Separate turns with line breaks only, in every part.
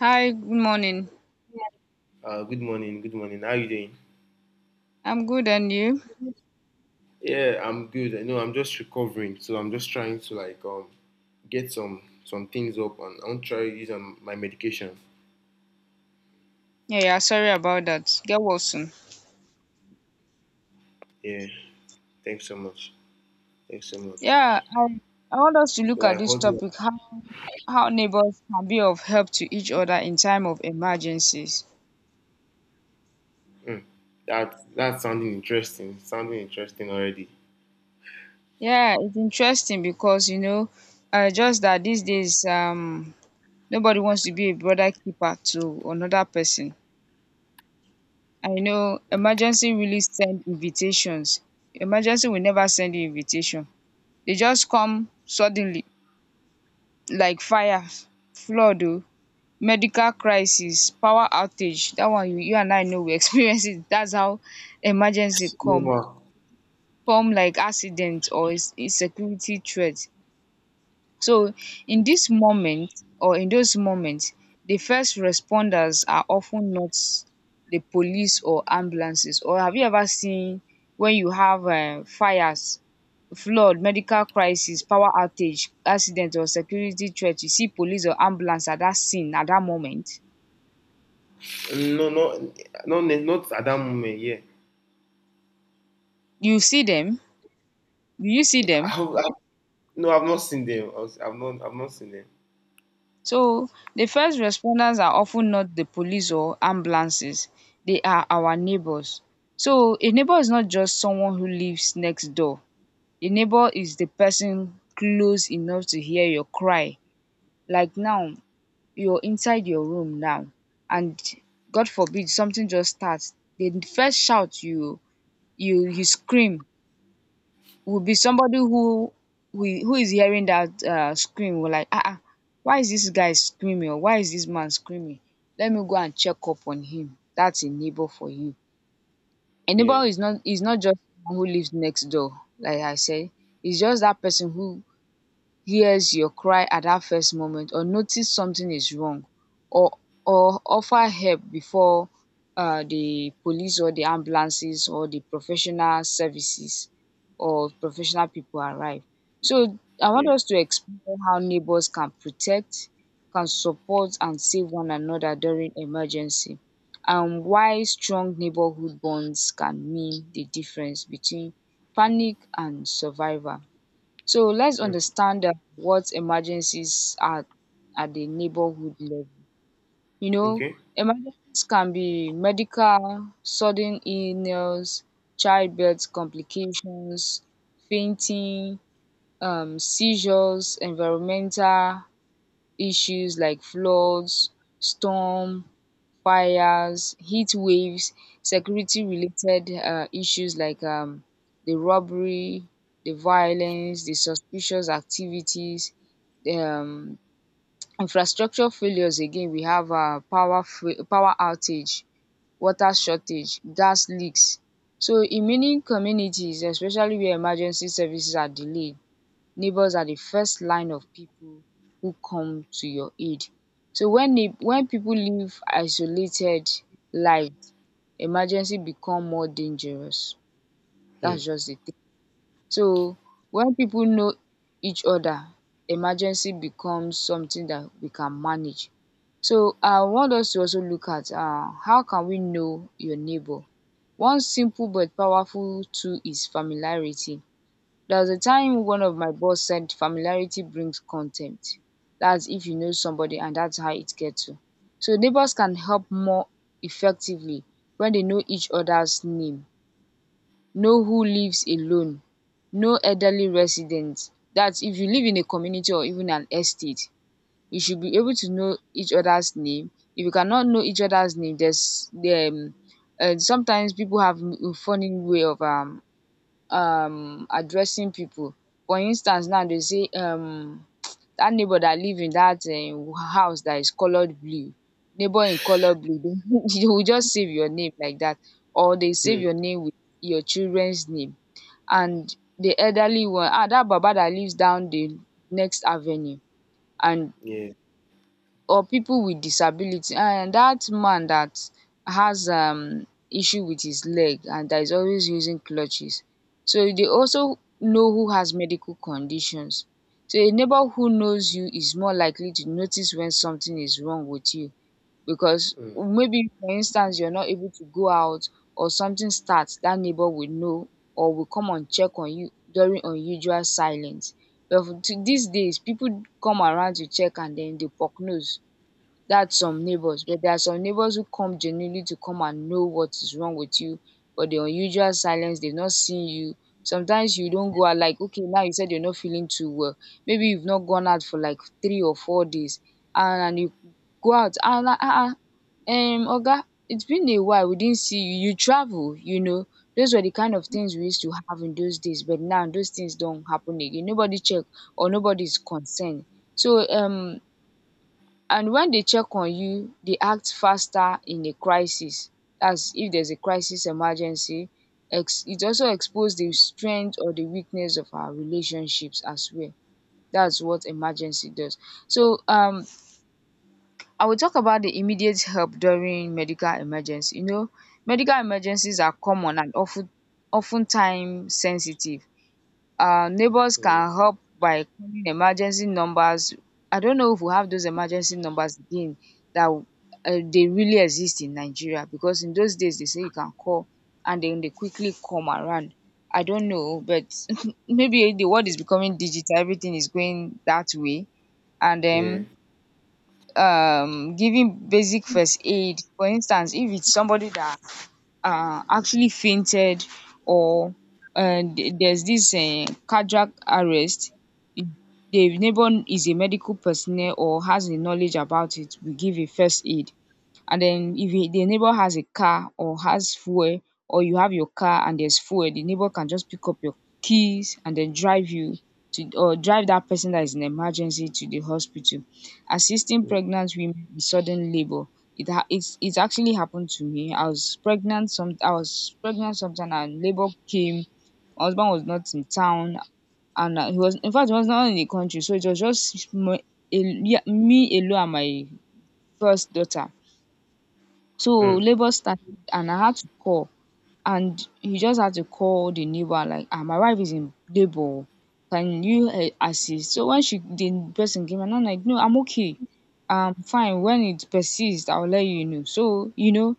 Hi, good morning.
Good morning. Good morning. How you doing?
I'm good, and you?
Yeah, I'm good. I know I'm just recovering, so I'm just trying to like get some things up, and I want to try use my medication.
Yeah, yeah, sorry about that. Get well soon.
Yeah. Thanks so much. Thanks so much.
Yeah, I, I want us to
So
look at
like,
this
what?
topic, how neighbors can be of help to each other in time of emergencies.
Mm, that's sounding interesting. Sounding interesting already.
Yeah, it's interesting because, you know, just that these days, nobody wants to be a brother keeper to another person. And, you know, emergency really send invitations. Emergency will never send you invitation. They just come suddenly, like fire, flood, oh, medical crisis, power outage. That one you, and I know, we experience it. That's how emergency
No,
come,
ma.
come like accident or insecurity threat. So in this moment, or in those moments, the first responders are often not the police or ambulances. Or have you ever seen, when you have fires, flood, medical crisis, power outage, accident or security threat, you see police or ambulance at that scene at that moment?
No, no, no, no, not at that moment. Yeah.
You see them? Do you see
I,
them?
I, no, I've not seen them. I've not seen them.
So the first responders are often not the police or ambulances. They are our neighbors. So a neighbor is not just someone who lives next door. A neighbor is the person close enough to hear your cry. Like now, you're inside your room now, and God forbid something just starts, the first shout, you scream, will be somebody who, who who is hearing that scream. Will like, ah, ah, why is this guy screaming, or why is this man screaming? Let me go and check up on him. That's a neighbor for you. A
Yeah,
neighbor is not just someone who lives next door, like I said. It's just that person who hears your cry at that first moment, or notice something is wrong, or or offer help before the police or the ambulances or the professional services or professional people arrive. So I
yeah.
want us to explore how neighbors can protect, can support and save one another during emergency, and why strong neighborhood bonds can mean the difference between panic and survival. So let's
Mm,
understand what emergencies are at the neighborhood level. You know,
okay.
emergencies can be medical: sudden illness, childbirth complications, fainting, seizures; environmental issues like floods, storm, fires, heat waves; security related issues like, the robbery, the violence, the suspicious activities, the infrastructure failures. Again, we have power outage, water shortage, gas leaks. So in many communities, especially where emergency services are delayed, neighbors are the first line of people who come to your aid. So when people live isolated lives, emergency become more dangerous.
Hmm.
That's just the thing. So when people know each other, emergency becomes something that we can manage. So I want us to also look at, um, how can we know your neighbor. One simple but powerful tool is familiarity. There was a time one of my boss said familiarity brings contempt. That's if you know somebody, and that's how it gets to. So neighbors can help more effectively when they know each other's name, know who lives alone, know elderly residents. That's if you live in a community or even an estate, you should be able to know each other's name. If you cannot know each other's name, there's, sometimes people have a funny way of, addressing people. For instance, now they say, um, that neighbor that live in that, um, house that is colored blue, neighbor in color blue, they they will just save your name like that, or they save
Hmm.
your name with your children's name. And the elderly one, ah, that baba that lives down the next avenue, and
Yeah.
or people with disability, and that man that has, um, issue with his leg and that is always using crutches. So they also know who has medical conditions. So a neighbor who knows you is more likely to notice when something is wrong with you, because
Hmm.
maybe, for instance, you're not able to go out, or something starts, that neighbor will know, or will come and check on you during unusual silence. But for to these days, people come around to check, and then they poke nose. That's some neighbors, but there are some neighbors who come genuinely to come and know what is wrong with you. But the unusual silence, they've not seen you. Sometimes you don't go out, like, okay, now you said you're not feeling too well, maybe you've not gone out for like 3 or 4 days. And you go out and like, ah, ah, um, oga, it's been a while, we didn't see you, you travel, you know. Those were the kind of things we used to have in those days, but now those things don't happen again. Nobody check, or nobody's concerned. So, um, and when they check on you, they act faster in a crisis. That's if there's a crisis emergency. Ex It also exposes the strength or the weakness of our relationships as well. That's what emergency does. So, um, I will talk about the immediate help during medical emergency. You know, medical emergencies are common, and often, often time sensitive. Neighbors can
Mm,
help by calling emergency numbers. I don't know if we have those emergency numbers again, that, they really exist in Nigeria, because in those days they say you can call, and then they quickly come around. I don't know, but maybe the world is becoming digital, everything is going that way. And
yeah.
then, giving basic first aid. For instance, if it's somebody that actually fainted, or, there's this cardiac arrest, if the neighbor is a medical personnel or has the knowledge about it, we give a first aid. And then, if a the neighbor has a car or has fuel, or you have your car and there's fuel, the neighbor can just pick up your keys and then drive you to, or drive that person that is in emergency, to the hospital. Assisting pregnant women in sudden labor, it's it's actually happened to me. I was pregnant sometime and labor came. My husband was not in town, and, he was, in fact he was not in the country. So it was just yeah, me alone and my first daughter. So
Mm,
labour started, and I had to call, and he just had to call the neighbor like, ah, my wife is in labor, oh, can you, um, assist. So when she the person came, and I'm like, no, I'm okay, um, fine. When it persists, I will let you know. So, you know,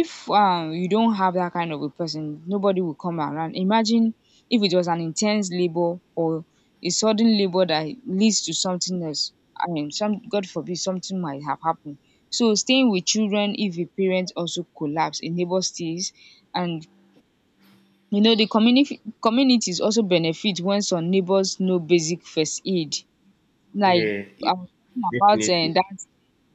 if, um, you don't have that kind of a person, nobody will come around. Imagine if it was an intense labor, or a sudden labor that leads to something else, I mean, some, God forbid, something might have happened. So staying with children, if a parent also collapse, a neighbor stays. And you know, the community communities also benefit when some neighbors know basic first aid. Like,
yeah. Yeah.
I was talking about,
Definitely.
that,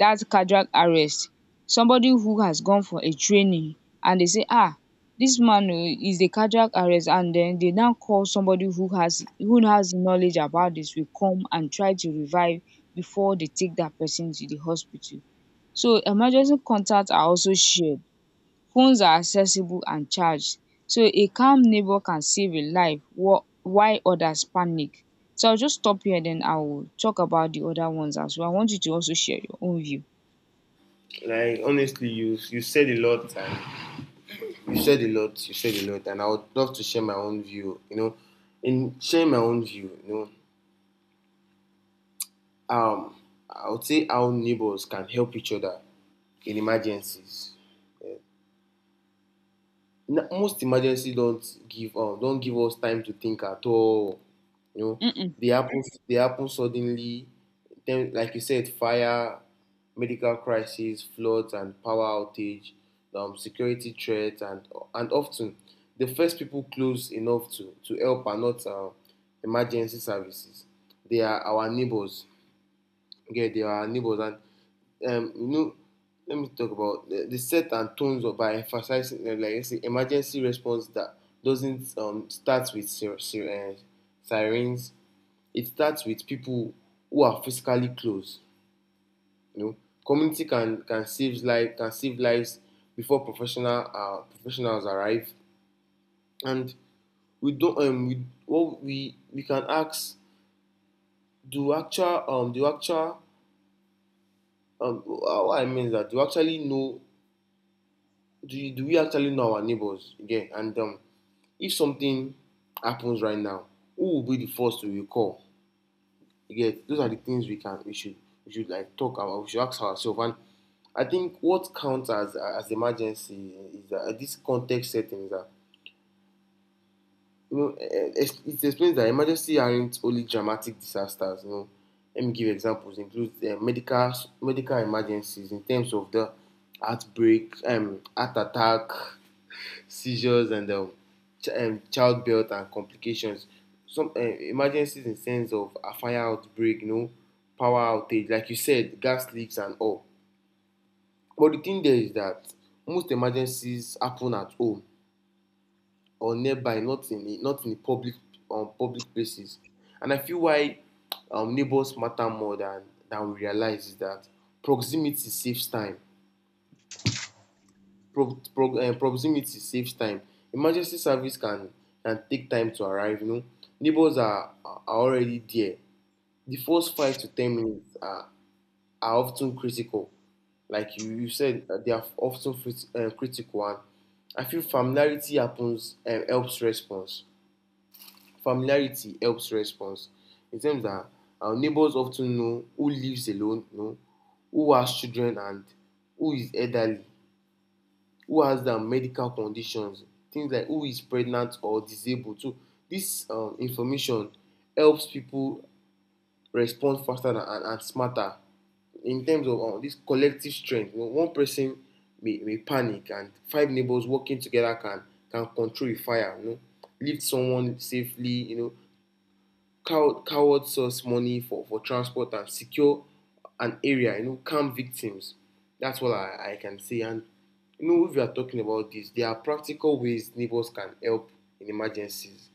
that cardiac arrest. Somebody who has gone for a training, and they say, ah, this man oh is a cardiac arrest, and then they now call somebody who has, who has knowledge about this, will come and try to revive before they take that person to the hospital. So emergency contacts are also shared, phones are accessible and charged. So a calm neighbor can save a life while others panic. So I'll just stop here, then I'll talk about the other ones as well. I want you to also share your own view.
Like honestly, you said a lot, and you said a lot, you said a lot, and I would love to share my own view. In sharing my own view, um, I would say how neighbors can help each other in emergencies. Most emergency don't give us time to think at all. you know
Mm-mm.
they happen they happen suddenly. Then, like you said, fire, medical crisis, floods, and power outage, security threats, and often the first people close enough to help are not emergency services. They are our neighbors. Yeah, they are our neighbors. Um, you know, let me talk about the set and tones of by emphasizing like I say, emergency response that doesn't start with sirens. It starts with people who are physically close. You know, community can save lives before professional professionals arrive, and we don't we what we can ask do actual what I mean is that do we actually know our neighbors again? And if something happens right now, who will be the first to recall? Again, those are the things we should like talk about. We should ask ourselves. And I think what counts as emergency is that this context setting is that it explains that emergencies aren't only dramatic disasters. Let me give examples. Include medical emergencies in terms of the heartbreak, heart attack, seizures, and childbirth and complications. Some emergencies in sense of a fire outbreak, power outage, like you said, gas leaks and all. But the thing there is that most emergencies happen at home or nearby, not in a public places. And I feel why neighbors matter more than we realize is that proximity saves time. Proximity saves time. Emergency service can take time to arrive. Neighbors are already there. The first 5 to 10 minutes are often critical. Like you said, they are often critical, and I feel familiarity happens and helps response. Familiarity helps response. It seems that our neighbors often know who lives alone, who has children and who is elderly, who has medical conditions, things like who is pregnant or disabled. So this information helps people respond faster than, and smarter in terms of this collective strength. One person may panic and five neighbors working together can control a fire, lift someone safely, cowards source money for transport and secure an area, calm victims. That's what I can say. And if we are talking about this, there are practical ways neighbors can help in emergencies.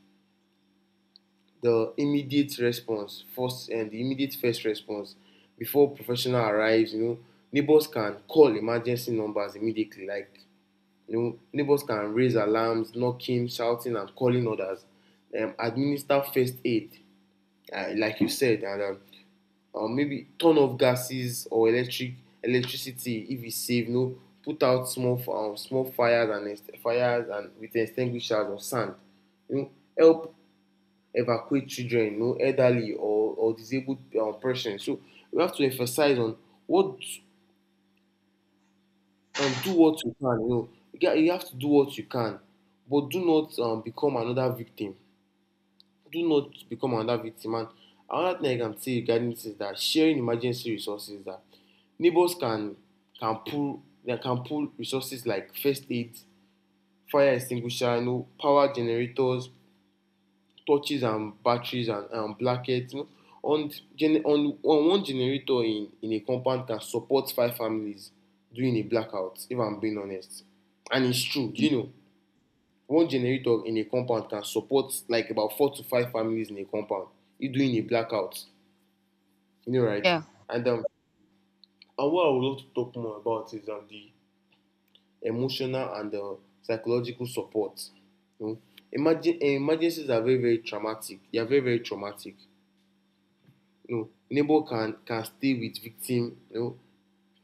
The immediate response, first and the immediate first response before professional arrives, neighbors can call emergency numbers immediately. Like, neighbors can raise alarms, knocking, shouting, and calling others. Administer first aid like you said, and or maybe turn off gases or electricity if it's safe. Put out small fires and fires and with extinguishers or sand. You know, help evacuate children, elderly or disabled persons. So we have to emphasize on what do what you can. You have to do what you can, but do not become another victim. Do not become another victim. And another thing I can say regarding this is that sharing emergency resources that neighbors can pull they can pull resources like first aid, fire extinguisher, power generators, torches and batteries and blankets. You know. On, on one generator in a compound can support five families during a blackout, if I'm being honest. And it's true. One generator in a compound can support like about four to five families in a compound if during a blackout, right.
Yeah,
and um and what I would love to talk more about is the emotional and psychological support you know Emergencies are very, very traumatic. They are very, very traumatic. Neighbor can stay with victim.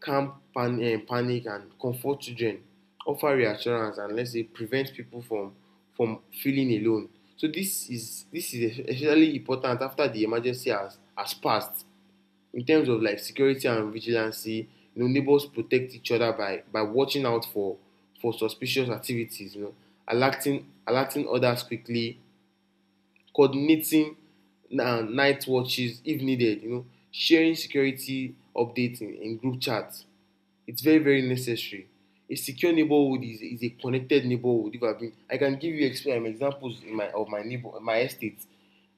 Calm panic and comfort children, offer reassurance, and let's say prevent people from feeling alone. So this is especially important after the emergency has passed. In terms of like security and vigilancy, neighbors protect each other by watching out for suspicious activities, alerting others quickly, coordinating na night watches if needed, sharing security updates in group chats. It's very, very necessary. A secure neighborhood is a connected neighborhood. If I've been, I can give you examples in my of my neighbor, my estate.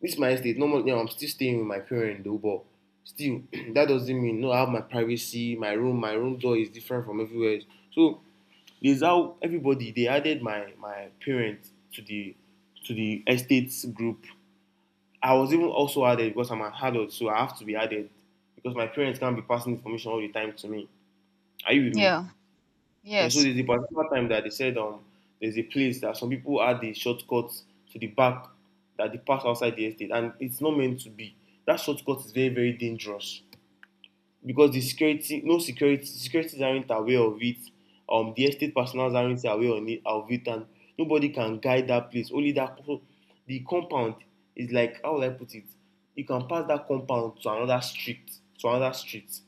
This is my estate. Normally, I'm still staying with my parents, though, but still, that doesn't mean no. I have my privacy. My room door is different from everywhere else. So there's how everybody they added my parents to the estates group. I was even also added because I'm an adult, so I have to be added because my parents can't be passing information all the time to me. Are you with me?
yeah.
Yeah, so
Yes.
there's a particular time that they said there's a place that some people add the shortcut to the back, that they park outside the estate and it's not meant to be. That shortcut is very, very dangerous because the security, no, security securities aren't aware of it. The estate personnel aren't aware on it, of it, and nobody can guide that place. Only that, so the compound is, like, how will I put it? You can pass that compound to another street,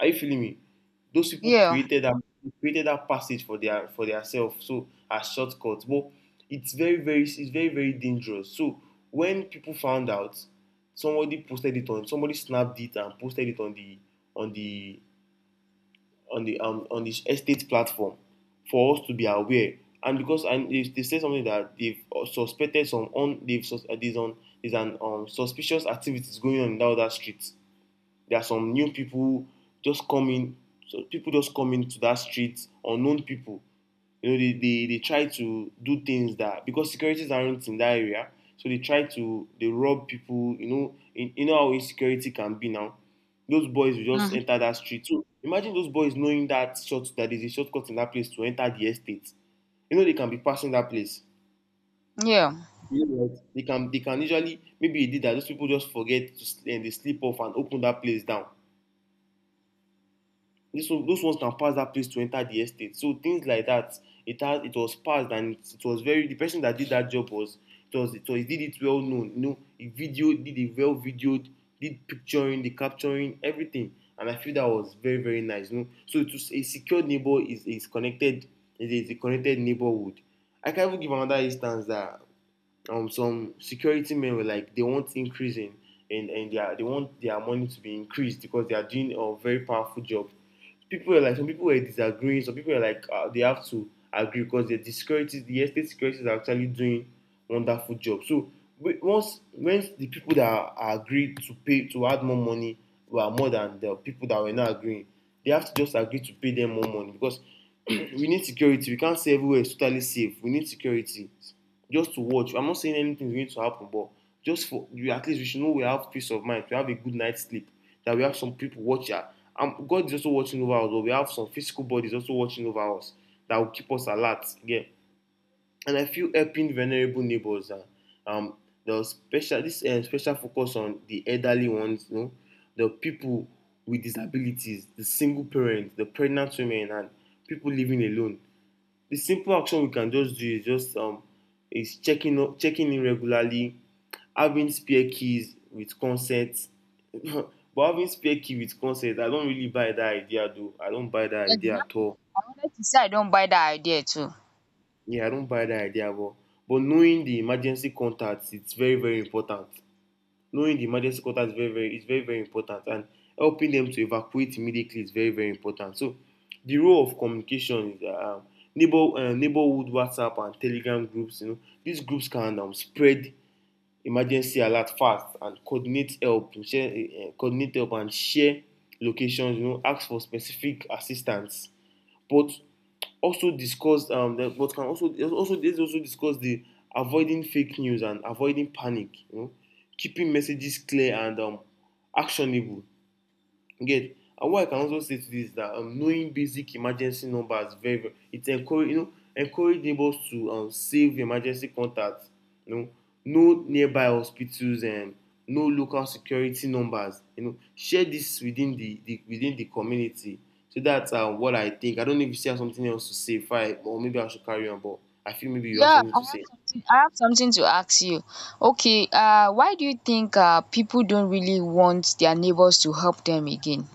are you feeling me? Those people
Yeah.
created that passage for their self, so as shortcut. But it's very, very dangerous. So when people found out, somebody snapped it and posted it on on the the estate platform for us to be aware. And they said something that they've suspected some on they've sus- there's on there's an suspicious activities going on in that other street. There are some new people just come in. So people just come into that street, unknown people. They try to do things that because securities aren't in that area, so they try to they rob people. You you know how insecurity can be now. Those boys will just
Mhm.
enter that street. So imagine those boys knowing that is a shortcut in that place to enter the estate. They can be passing that place.
Yeah.
Yeah, right. They can usually maybe they did that. Those people just forget to and they slip off and open that place down. This one those ones can pass that place to enter the estate, so things like that. It was passed, and it was very, the person that did that job was, he did it well known. He videoed, did picturing the capturing everything, and I feel that was very, very nice, so to a secured neighbor is connected. It is a connected neighborhood. I can even give another instance that some security men were like they want increase in and they want their money to be increased because they are doing a very powerful job. People were like some people were disagreeing, some people were like they have to agree because the securities, the estate securities are actually doing wonderful job. So once the people that are agreed to pay to add more money were more than the people that were not agreeing, they have to just agree to pay them more money, because we need security. We can't say everywhere is totally safe. We need security just to watch. I'm not saying anything is going to happen, but just for you, at least we should know we have peace of mind, we have a good night's sleep, that we have some people watch out. And God is also watching over us, but we have some physical bodies also watching over us that will keep us alert again. And I feel helping vulnerable neighbors, um the special focus on the elderly ones, you know, the people with disabilities, the single parents, the pregnant women, and people living alone. The simple action we can just do is just is checking in regularly, having spare keys with consent. But having spare key with consent, I don't really buy that idea, though. I don't buy that idea at
Exactly.
all.
I wanted to say, I don't buy that idea too.
Yeah, I don't buy that idea, but knowing the emergency contacts, it's very very important. Knowing the emergency contact is very very important, and helping them to evacuate immediately is very very important. So the role of communication is, neighborhood WhatsApp and Telegram groups, you know, these groups can spread emergency alert fast and coordinate help and share locations, you know, ask for specific assistance. But also discussed, the, but can also let also discuss the avoiding fake news and avoiding panic. You know, keeping messages clear and actionable. You get? And what I can also say to this is that, knowing basic emergency numbers very very, it encourage you know encourage neighbors to save emergency contacts. You know nearby hospitals and know local security numbers. You know, share this within the within the community. So that's what I think. I don't know if you still have something else to say, if I, or maybe I should carry on. But I feel maybe you have
Yeah,
something
I
to
have
say.
something, I have something to ask you. Okay, uh, why do you think, uh, people don't really want their neighbors to help them again?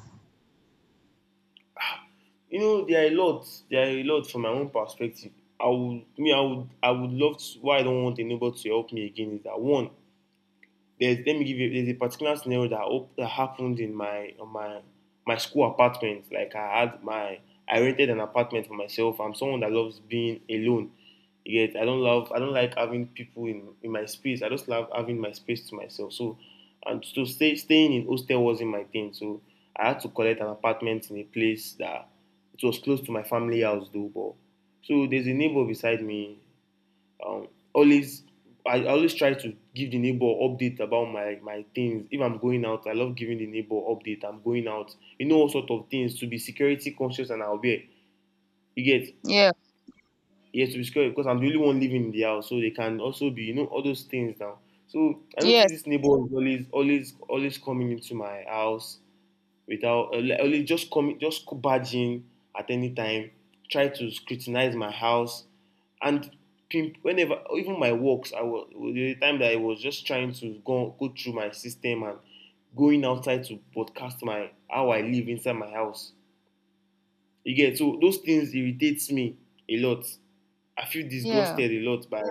You know, there are a lot from my own perspective. I would, me, I would love to. Why I don't want a neighbor to help me again is that: one, there's, let me give you, there's a particular scenario that happened in my, on my school apartment. Like, I had my I rented an apartment for myself. I'm someone that loves being alone. Yet I don't like having people in my space. I just love having my space to myself. So, and so, staying in hostel wasn't my thing. So I had to collect an apartment in a place that it was close to my family house, though. But so there's a neighbor beside me, always I always try to give the neighbor update about my things. If I'm going out, I love giving the neighbor update. I'm going out. You know, all sort of things to be security conscious and aware. You get?
Yeah.
Yes, to be secure, because I'm the only one living in the house, so they can also be, you know, all those things now. So I notice
Yes.
this neighbor is always always always coming into my house, without, only, like, just coming, just barge in at any time, try to scrutinize my house, and pimp whenever, even my works. I was the time that I was just trying to go through my system and going outside to broadcast my how I live inside my house. You get? So those things irritates me a lot. I feel
Yeah.
disgusted a lot by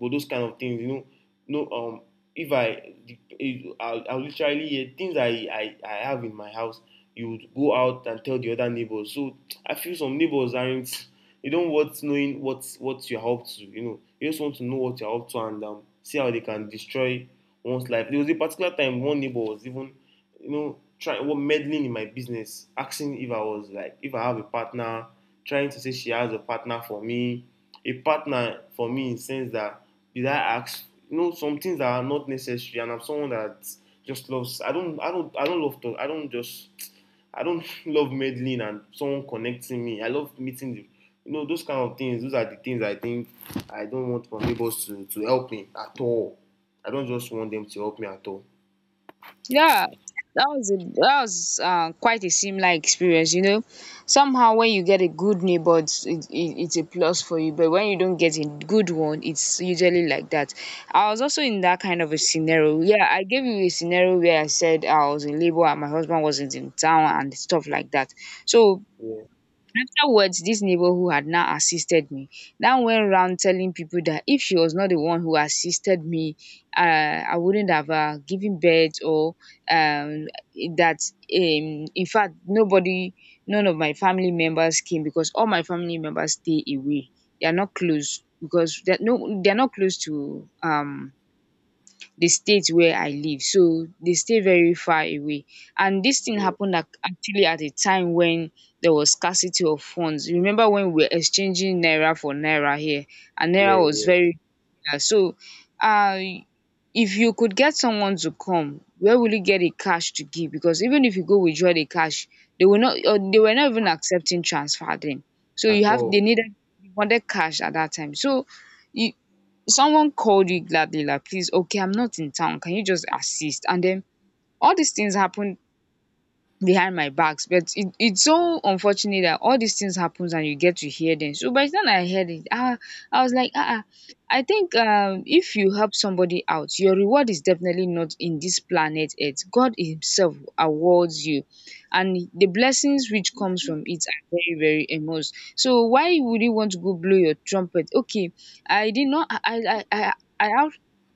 by those kind of things, you know. No, if I, if- I'll literally hear things I have in my house. You would go out and tell the other neighbors. So I feel some neighbors aren't. They don't want knowing what you're up to. You know, they just want to know what you're up to and, see how they can destroy one's life. There was a particular time one neighbor was even, you know, trying what meddling in my business, asking if I was, like, if I have a partner, trying to say she has a partner for me, a partner for me in the sense that did I ask, you know, some things that are not necessary, and I'm someone that just loves. I don't I don't I don't love to I don't just I don't love meddling and someone connecting me. I love meeting the, you know, those kind of things. Those are the things I think I don't want my neighbors to help me at all. I don't just want them to help me at all.
Yeah, that was a, that was, quite a similar experience. You know, somehow when you get a good neighbor, it's a plus for you. But when you don't get a good one, it's usually like that. I was also in that kind of a scenario. Yeah, I gave you a scenario where I said I was in labor and my husband wasn't in town and stuff like that. So
Yeah,
afterwards, this neighbor who had now assisted me now went round telling people that if she was not the one who assisted me, I wouldn't have, given birth, or um, that in fact nobody, none of my family members came, because all my family members stay away. They are not close, because they're not close to, um, the state where I live. So they stay very far away. And this thing
yeah,
happened actually at a time when there was scarcity of funds. Remember when we were exchanging naira for naira here and
yeah,
naira was
yeah.
very dear. So uh if you could get someone to come, where will you get the cash to give? Because even if you go withdraw the cash, they will not or they were not even accepting transfer then. So
At
you have they
all.
needed they wanted cash at that time. So you someone called you gladly like please, okay, I'm not in town, can you just assist? And then all these things happen behind my backs, but it's so unfortunate that all these things happens and you get to hear them. So by the time I heard it, ah, I was like, ah, ah, I think if you help somebody out, your reward is definitely not in this planet earth. God himself awards you, and the blessings which comes from it are very, very immense. So why would you want to go blow your trumpet? Okay, I did not I I I out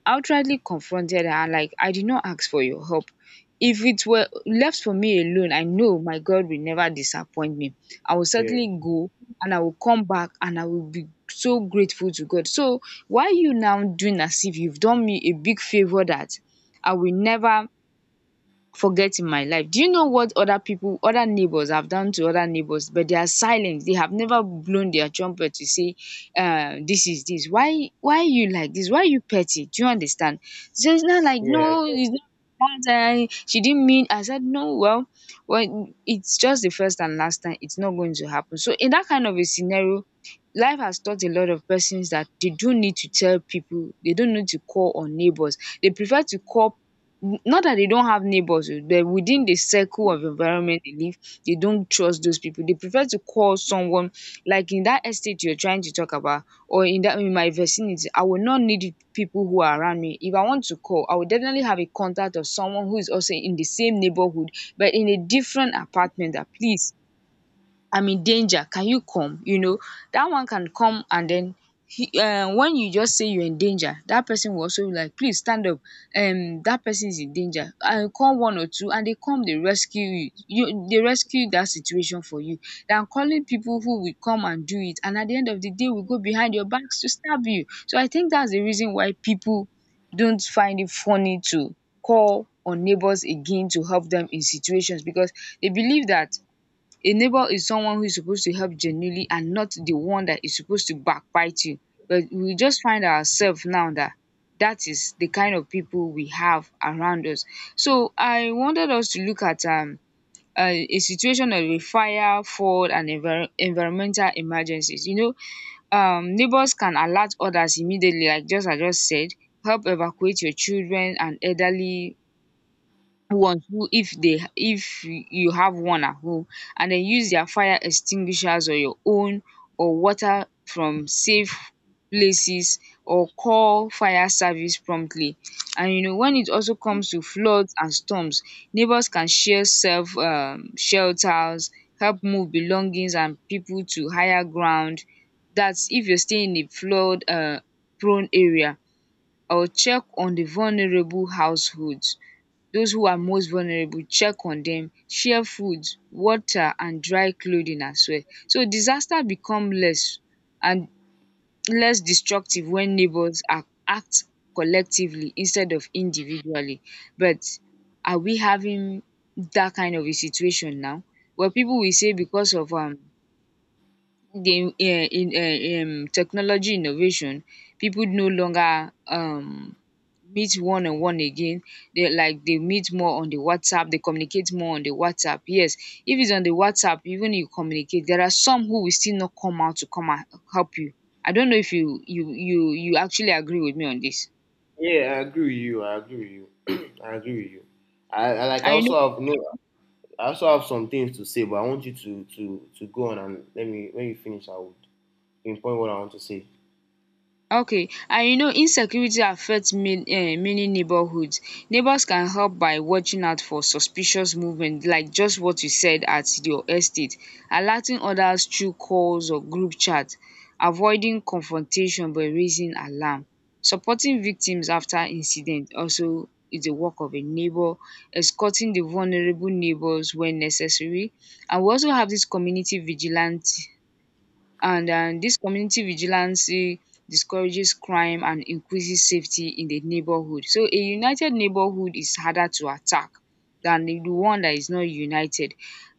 outrightly confronted her like I did not ask for your help. If it were left for me alone, I know my God will never disappoint me. I will
Yeah,
certainly go and I will come back and I will be so grateful to God. So why you now doing as if you've done me a big favour that I will never forget in my life? Do you know what other people, other neighbors have done to other neighbors, but they are silent? They have never blown their trumpet to say, this is this. Why you like this? Why you petty? Do you understand? So it's not like
yeah,
no, it's not that she didn't mean, I said no, well, it's just the first and last time. It's not going to happen. So in that kind of a scenario, life has taught a lot of persons that they do not need to tell people. They don't need to call on neighbors. They prefer to call, not that they don't have neighbors, oh, but within the circle of environment they live, they don't trust those people. They prefer to call someone like in that estate you're trying to talk about or in that in my vicinity. I will not need people who are around me. If I want to call, I will definitely have a contact of someone who is also in the same neighborhood but in a different apartment that please, I'm in danger, can you come? You know, that one can come, and then he, when you just say you're in danger, that person will also be like, please stand up. That person is in danger. I call one or two, and they come, they rescue you. They rescue that situation for you. Than calling people who will come and do it, and at the end of the day, will go behind your backs to stab you. So I think that's the reason why people don't find it funny to call on neighbors again to help them in situations, because they believe that a neighbor is someone who is supposed to help genuinely and not the one that is supposed to backbite you. But we just find ourselves now that that is the kind of people we have around us. So I wanted us to look at a situation of a fire, flood, and environmental emergencies. You know, neighbors can alert others immediately, like just I just said, help evacuate your children and elderly ones who if they if you have one at home, and then use their fire extinguishers or your own or water from safe places, or call fire service promptly. And you know, when it also comes to floods and storms, neighbors can share self shelters, help move belongings and people to higher ground. That's if you're staying in a flood prone area, or check on the vulnerable households. Those who are most vulnerable, check on them, share food, water and dry clothing as well. So disaster become less and less destructive when neighbours are act collectively instead of individually. But are we having that kind of a situation now? Well, people will say because of the in technology innovation, people no longer meet one on one again. They like they meet more on the WhatsApp. They communicate more on the WhatsApp. Yes, if it's on the WhatsApp, even you communicate, there are some who will still not come out to come and help you. I don't know if you actually agree with me on this.
yeah. I agree with you. I agree with you. I agree with you. I like. I
I know.
also have no. I also have some things to say, but I want you to go on and let me. When you finish, I would pinpoint what I want to say.
Okay, and you know insecurity affect many neighborhoods. Neighbors can help by watching out for suspicious movement like just what you said at your estate, alerting others through calls or group chat, avoiding confrontation by raising alarm, supporting victims after incident also is the work of a neighbor, escorting the vulnerable neighbors when necessary, and we also have this community vigilante. And this community vigilance discourages crime and increases safety in the neighborhood. So a united neighborhood is harder to attack than the one that is not united.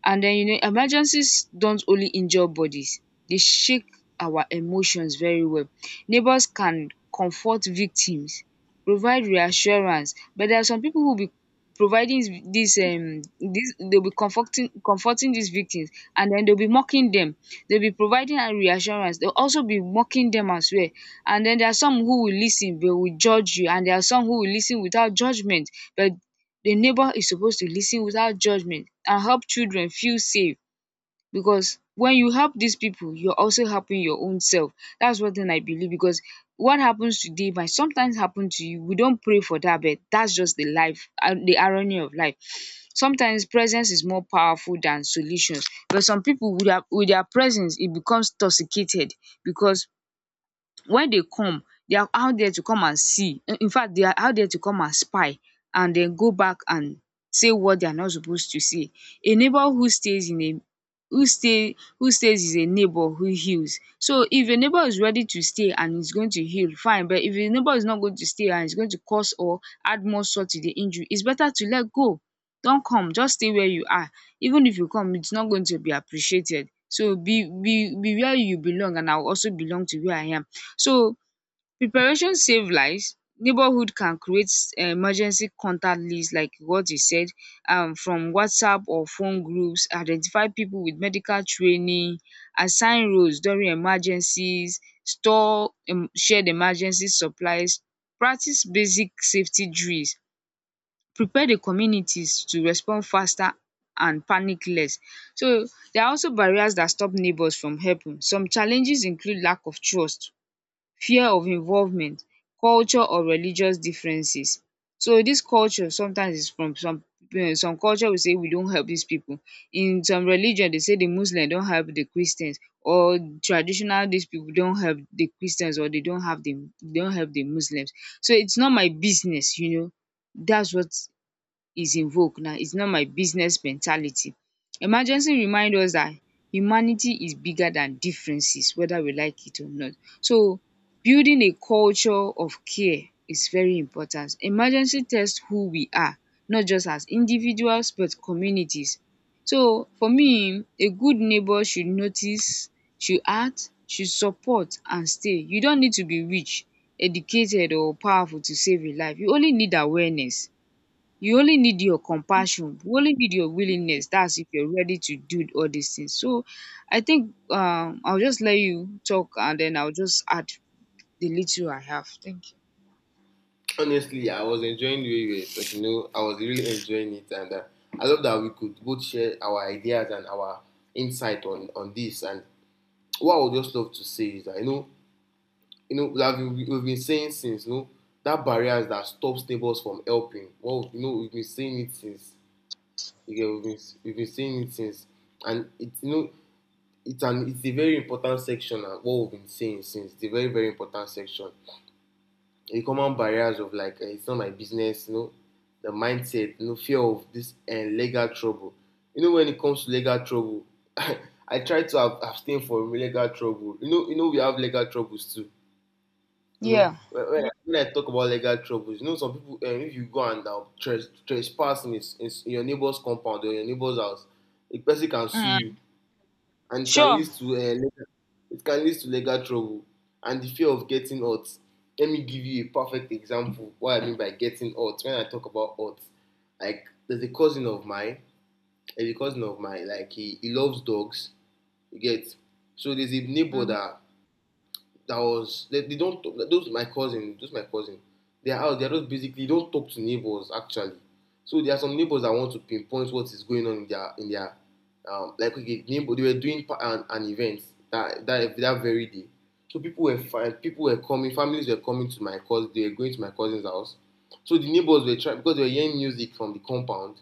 And then you know emergencies don't only injure bodies, they shake our emotions very well. Neighbors can comfort victims, provide reassurance, but there are some people who will be providing this this they'll be comforting these victims, and then they'll be mocking them. They'll be providing a reassurance. They'll also be mocking them as well. And then there are some who will listen, but will judge you, and there are some who will listen without judgement. But the neighbour is supposed to listen without judgement and help children feel safe, because when you help these people, you're also helping your own self. That's one thing I believe, because what happens today might sometimes happen to you. We don't pray for that, but that's just the life and the irony of life. Sometimes presence is more powerful than solutions, but some people with their presence it becomes toxicated, because when they come, they are out there to come and see. In fact, they are out there to come and spy and then go back and say what they are not supposed to say. A neighbor who stays in a who stays is a neighbor who heals. So if a neighbor is ready to stay and is going to heal, fine. But if a neighbor is not going to stay and is going to cause or add more salt to the injury, it's better to let go. Don't come. Just stay where you are. Even if you come, it's not going to be appreciated. So be where you belong, and I will also belong to where I am. So preparation save lives. Neighborhood can create emergency contact list like what you said, from WhatsApp or phone groups, identify people with medical training, assign roles during emergencies, store shared emergency supplies, practice basic safety drills, prepare the communities to respond faster and panic less. So there are also barriers that stop neighbours from helping. Some challenges include lack of trust, fear of involvement, culture or religious differences. So this culture sometimes is from some some culture will say we don't help these people. In some religion, they say the muslim don't help the christians or traditional. These people don't help the christians, or they don't have the they don't help the muslims, so its not my business, you know. That's what is invoke now. It's not my business mentality. Emergency remind us that humanity is bigger than differences, whether we like it or not. So building a culture of care is very important. Emergency test who we are, not just as individuals but communities. So for me, a good neighbour should notice, should act, should support and stay. You don't need to be rich, educated or powerful to save a life. You only need awareness, you only need your compassion, you only need your willingness. That's if you're ready to do all these things. So I think I'll just let you talk and then I'll just add the little I have. Thank you.
Honestly, I was enjoying the way you were talking. You know, I was really enjoying it, and, I love that we could both share our ideas and our insight on this. And what I would just love to say is that, you know that we've been saying since, you know, that barriers that stops neighbors from helping. Well, you know, we've been saying it since you, we've been saying it since, and it, you know, it's a very important section, and what we've been saying since, it's a very very important section. The common barriers of, like, it's not my business, you know, the mindset, you know, fear of this, and, legal trouble. You know, when it comes to legal trouble, I try to ab abstain from legal trouble. You know, you know, we have legal troubles too. You know,
Yeah.
when I talk about legal troubles, you know, some people, if you go and, trespass in, his, in s- in your neighbor's compound or your neighbor's house, a person can sue you,
Mm,
and
sure.
it can lead to legal trouble, and the fear of getting hurt. Let me give you a perfect example, what I mean by getting hurt. When I talk about hurt, like, there's a cousin of mine, like, he loves dogs. You get? So there's a neighbor,
Mm,
that that was they, don't, those my cousin they are out, they are just basically don't talk to neighbors, actually. So there are some neighbors that want to pinpoint what is going on in their like, okay, neighbor, they were doing an event, that very day. So people were people were coming, families were coming to my cousin, they were going to my cousin's house. So the neighbors were trying, because they were hearing music from the compound.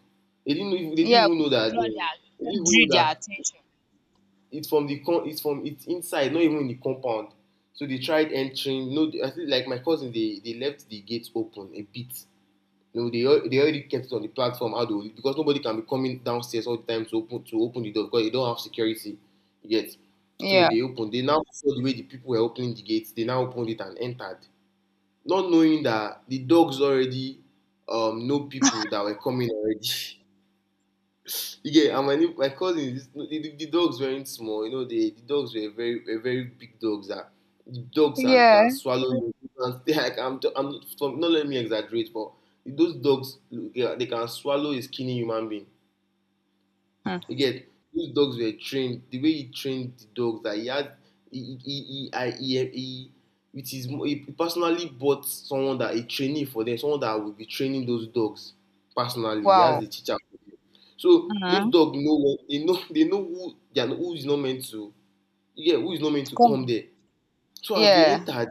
yeah, we should draw their
They
we
didn't even
drew
know
their
that
attention.
it's from the con it's from it's inside, not even in the compound. So they tried entering. No, I think like my cousin, they left the gates open a bit. No, they already kept it on the platform, how do, because nobody can be coming downstairs all the time to open the door, because they don't have security yet. So
Yeah.
they opened, they now saw the way the people were opening the gates. They now opened it and entered, not knowing that the dogs already, know people that were coming already. You get? And my cousin's, the dogs weren't small, you know, the dogs were very big dogs, that the dogs can,
Yeah.
can swallow you, and stay. Like, I'm from, not, let me exaggerate, but those dogs, they can swallow a skinny human being. You
Mm.
get? Those dogs were trained. The way he trained the dogs, that he had, he, I, he personally bought someone that a trainee for them, someone that will be training those dogs personally. He has
Wow.
a teacher for them. So those
Mm.
dogs know when they know, they know who they are, who is not meant to yeah, who is not meant to come
Come.
there. So as they
Yeah.
entered,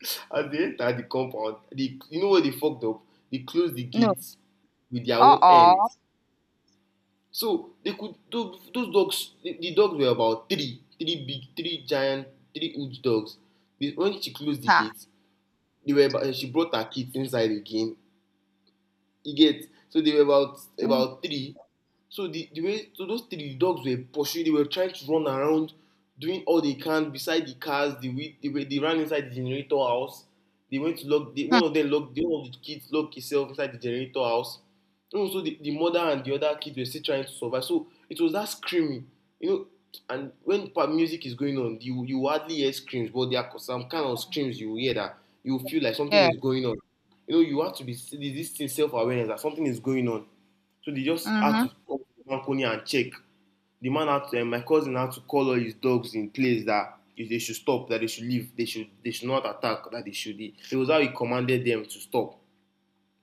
as they entered the compound, they, you know where they fucked up? They closed the
No.
gates with their own end.
Uh-oh.
So they could, those, dogs. The dogs were about three, three big, three giant, three huge dogs. They, when she closed the
Ha.
gate, they were about, she brought her kids inside again. You get? So they were about
Mm.
about three. So the way so those three dogs were pursuing, they were trying to run around, doing all they can beside the cars. They ran inside the generator house. They went to lock the one
Hmm.
of them locked the one of the kids locked himself inside the generator house. And also the mother and the other kids were still trying to survive. So it was that screaming, you know. And when music is going on, you hardly hear screams, but there are some kind of screams you hear that you feel like something
Yeah.
is going on. You know, you have to be this thing self awareness that something is going on. So they just had
Mm-hmm.
to come to the balcony and check. The man had to, my cousin had to call all his dogs in place that if they should stop, that they should leave, they should not attack, that they should. It was how he commanded them to stop.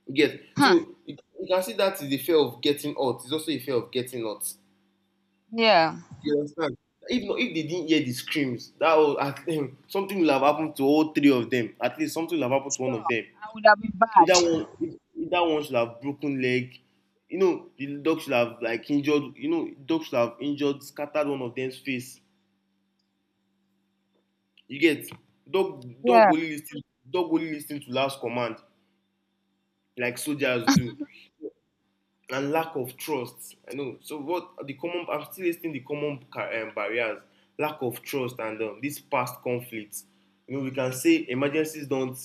Yes.
Huh.
So you can see that is the fear of getting hurt. It's also a fear of getting hurt.
Yeah.
You understand? If not, if they didn't hear the screams, that was something will have happened to all three of them. At least something will have happened to one
Sure.
of them.
I would have been bad.
Either one, either one should have broken leg. You know, the dog should have like injured. You know, dog should have injured, scattered one of them's face. You get dog. Dog
Yeah.
only listen. Dog only listen to last command, like soldiers do. And lack of trust. I know. So what are the common? I'm still listing the common barriers: lack of trust and this past conflicts. You know, we can say emergencies don't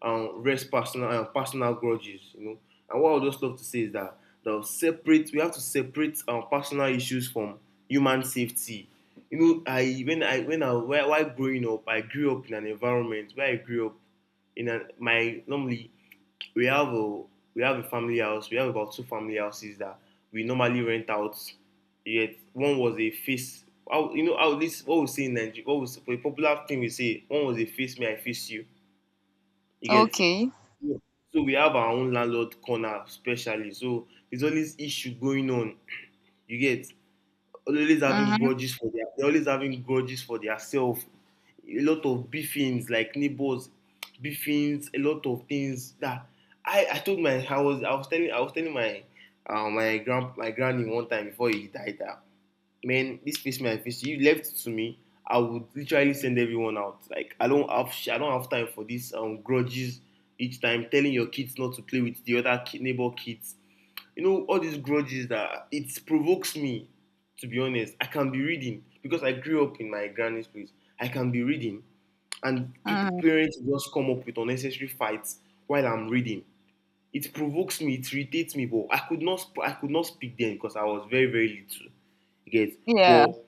rest personal grudges. You know, and what I would just love to say is that the separate we have to separate personal issues from human safety. You know, I when I when I while growing up, I grew up in an environment where I grew up in a, my normally we have a we have a family house. We have about two family houses that we normally rent out. Yet one was a face. How, you know how this what we say in Nigeria? What was a popular thing we say? One was a face me, I face you. You get.
Okay.
Yeah. So we have our own landlord corner, especially. So there's always issue going on. You get always having
Mm-hmm,
grudges for their they're always having grudges for their self. A lot of beefings like neighbors, beefings, a lot of things that I told my I was telling my my grand my granny one time before he died that man this face my face you left it to me I would literally send everyone out like I don't have time for this grudges, each time telling your kids not to play with the other ki neighbor kids. You know, all these grudges, that it provokes me, to be honest. I can be reading, because I grew up in my granny's place. I can be reading, and people,
mm-hmm.
parents just come up with unnecessary fights while I'm reading. It provokes me, it irritates me, but I could not I could not speak then because I was very very little. You get.
Yeah.
But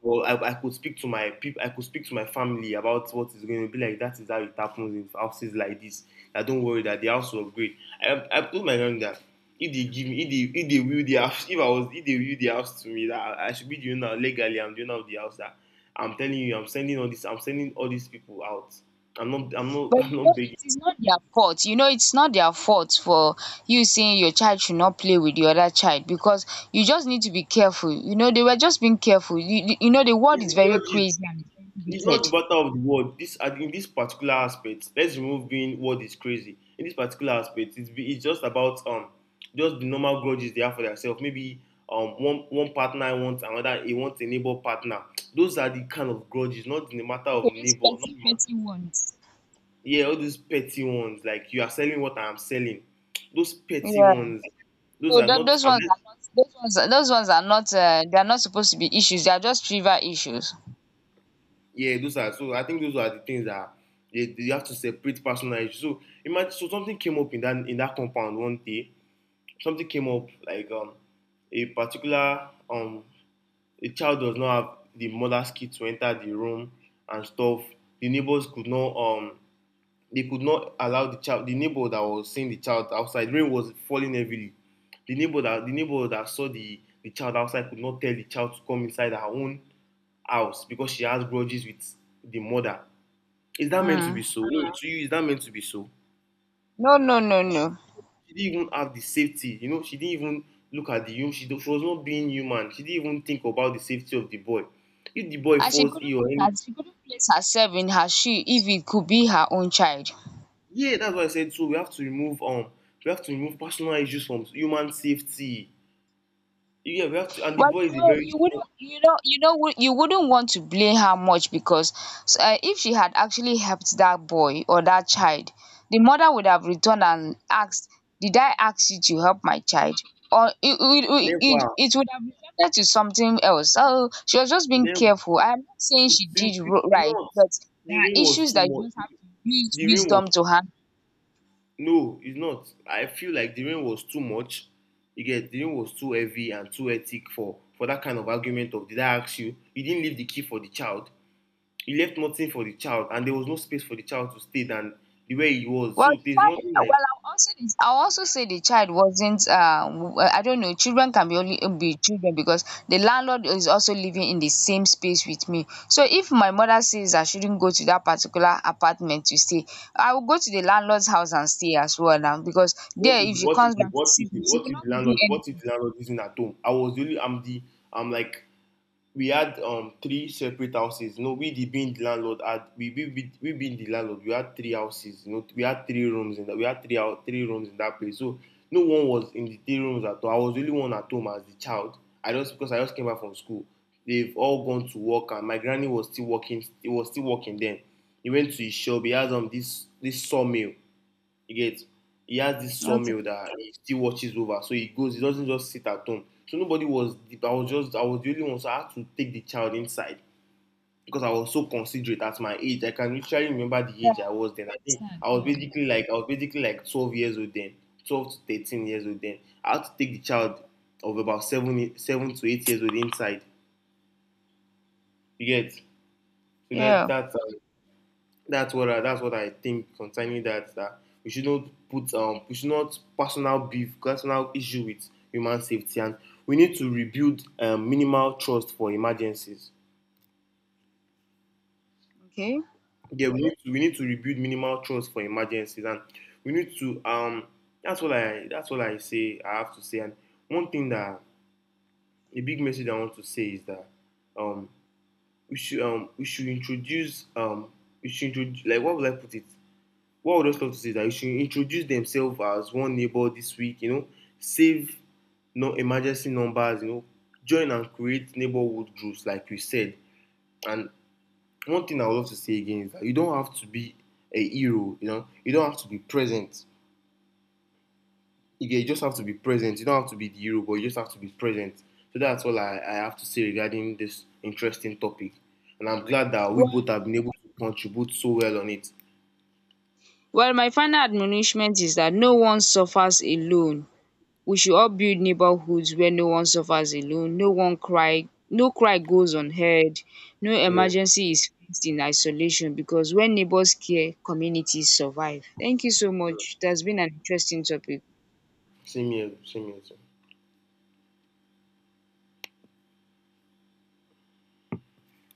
well, I could speak to my people. I could speak to my family about what is going to be like. That is how it happens in houses like this. I don't worry that the house will upgrade. I told my young that if they give me, if they will the house, if I was, if they will the house to me, that I should be the owner legally. I'm the owner of the house. That I'm telling you, I'm sending all this. I'm sending all these people out. I'm not. I'm not.
But
I'm
you
not
know,
begging.
it is not their fault. You know, it's not their fault for you saying your child should not play with the other child, because you just need to be careful. You know, they were just being careful. You, you know, the world
It's
is very
grudges.
crazy and it's very
It's not
wicked.
the matter of the word. This and in this particular aspect, let's remove being word is crazy. In this particular aspect, it's just about just the normal grudges they have for themselves. Maybe one partner wants another, he wants a neighbor partner. Those are the kind of grudges, not the matter of
Okay, those
neighbor. Not,
petty,
the-
petty ones.
yeah, all these petty ones like you are selling what I'm selling. Those petty
Yeah.
ones,
So
those are not.
those
I'm
ones are not. Those ones those ones are not. They are not supposed to be issues. They are just trivial issues.
yeah, those are so. I think those are the things that you have to separate personal issues. So imagine, so something came up in that compound one day. Something came up like a particular a child does not have the mother's key to enter the room and stuff. The neighbors could not allow the child. The neighbor that was seeing the child outside, rain was falling heavily. The neighbor that saw the child outside could not tell the child to come inside her own house because she has grudges with the mother. Is that meant to
Mm.
be so? No, to you, is that meant to be so?
No, no, no, no.
She didn't even have the safety, you know, she didn't even look at the human, she was not being human. She didn't even think about the safety of the boy. If the boy
And she
falls
couldn't
ill or
put
anything,
her. She couldn't place herself in her shoe if it could be her own child.
yeah, that's why I said so. We have to remove personal issues from human safety. Yeah, we have to, and the
Well,
boy
you
is a
know,
very
you
small,
wouldn't, you know, you know, you wouldn't want to blame her much, because if she had actually helped that boy or that child, the mother would have returned and asked, "Did I ask you to help my child?" Or
never,
it would have resulted to something else. So she was just being
never,
careful. I'm not saying
it,
she
it,
did
it could
right,
not.
but
The
there are
rain was
issues
too
that you
much.
just have to use
The rain
wisdom
was
to handle.
No, it's not. I feel like the rain was too much. You get, the rain was too heavy and too hectic for that kind of argument of, did I ask you? You didn't leave the key for the child. You left nothing for the child, and there was no space for the child to stay than the way he was.
Well, the
So there's nothing
child
like,
well, I'll also say the child wasn't, I don't know, children can be only be children, because the landlord is also living in the same space with me. So if my mother says I shouldn't go to that particular apartment to stay, I will go to the landlord's house and stay as well now, because
what
there
if
if she
what
comes
if
back to
what
see
if
me, she
what
will
if
not
the
do
landlord what if
anything.
the landlord isn't at home? I was really I'm the I'm like we had three separate houses. You know, we the being the landlord had we being the landlord. We had three houses. You know, we had three rooms in that. We had three rooms in that place. So no one was in the three rooms at all. I was the only one at home as the child. I just because I just came back from school. They've all gone to work, and my granny was still working. He was still working then. He went to his shop. He has this sawmill. You get, he has this
Okay.
sawmill that he still watches over. So he goes, he doesn't just sit at home. So nobody was, I was the only one, so I had to take the child inside because I was so considerate at my age. I can literally remember the
Yeah,
age I
I
was then. I think
understand.
I was
Yeah.
basically like I was basically like 12 years old then, 12 to 13 years old then. I had to take the child of about seven to eight years old inside. You get, so let
Yeah.
that that's That's what I think concerning that. That we should not personal issue with human safety, and we need to rebuild minimal trust for emergencies.
Okay.
Yeah, we need to rebuild minimal trust for emergencies, and we need to that's what I say I have to say. And one thing that a big message I want to say is that um we should we should introduce, like, what would I put it? What I would just love to say is that you should introduce themselves as one neighbor this week, you know, save no emergency numbers, you know, join and create neighborhood groups, like you said. And one thing I would love to say again is that you don't have to be a hero, you know, you don't have to be present. You just have to be present. You don't have to be the hero, but you just have to be present. So that's all I have to say regarding this interesting topic. And I'm glad that we
Well
both have been able to contribute so well on it.
well, my final admonishment is that no one suffers alone. We should all build neighborhoods where no one suffers alone, no one cry, no cry goes unheard, no
Yeah.
emergency is faced in isolation, because when neighbors care, communities survive. Thank you so much, it has been an interesting topic.
Same here, same here. Too.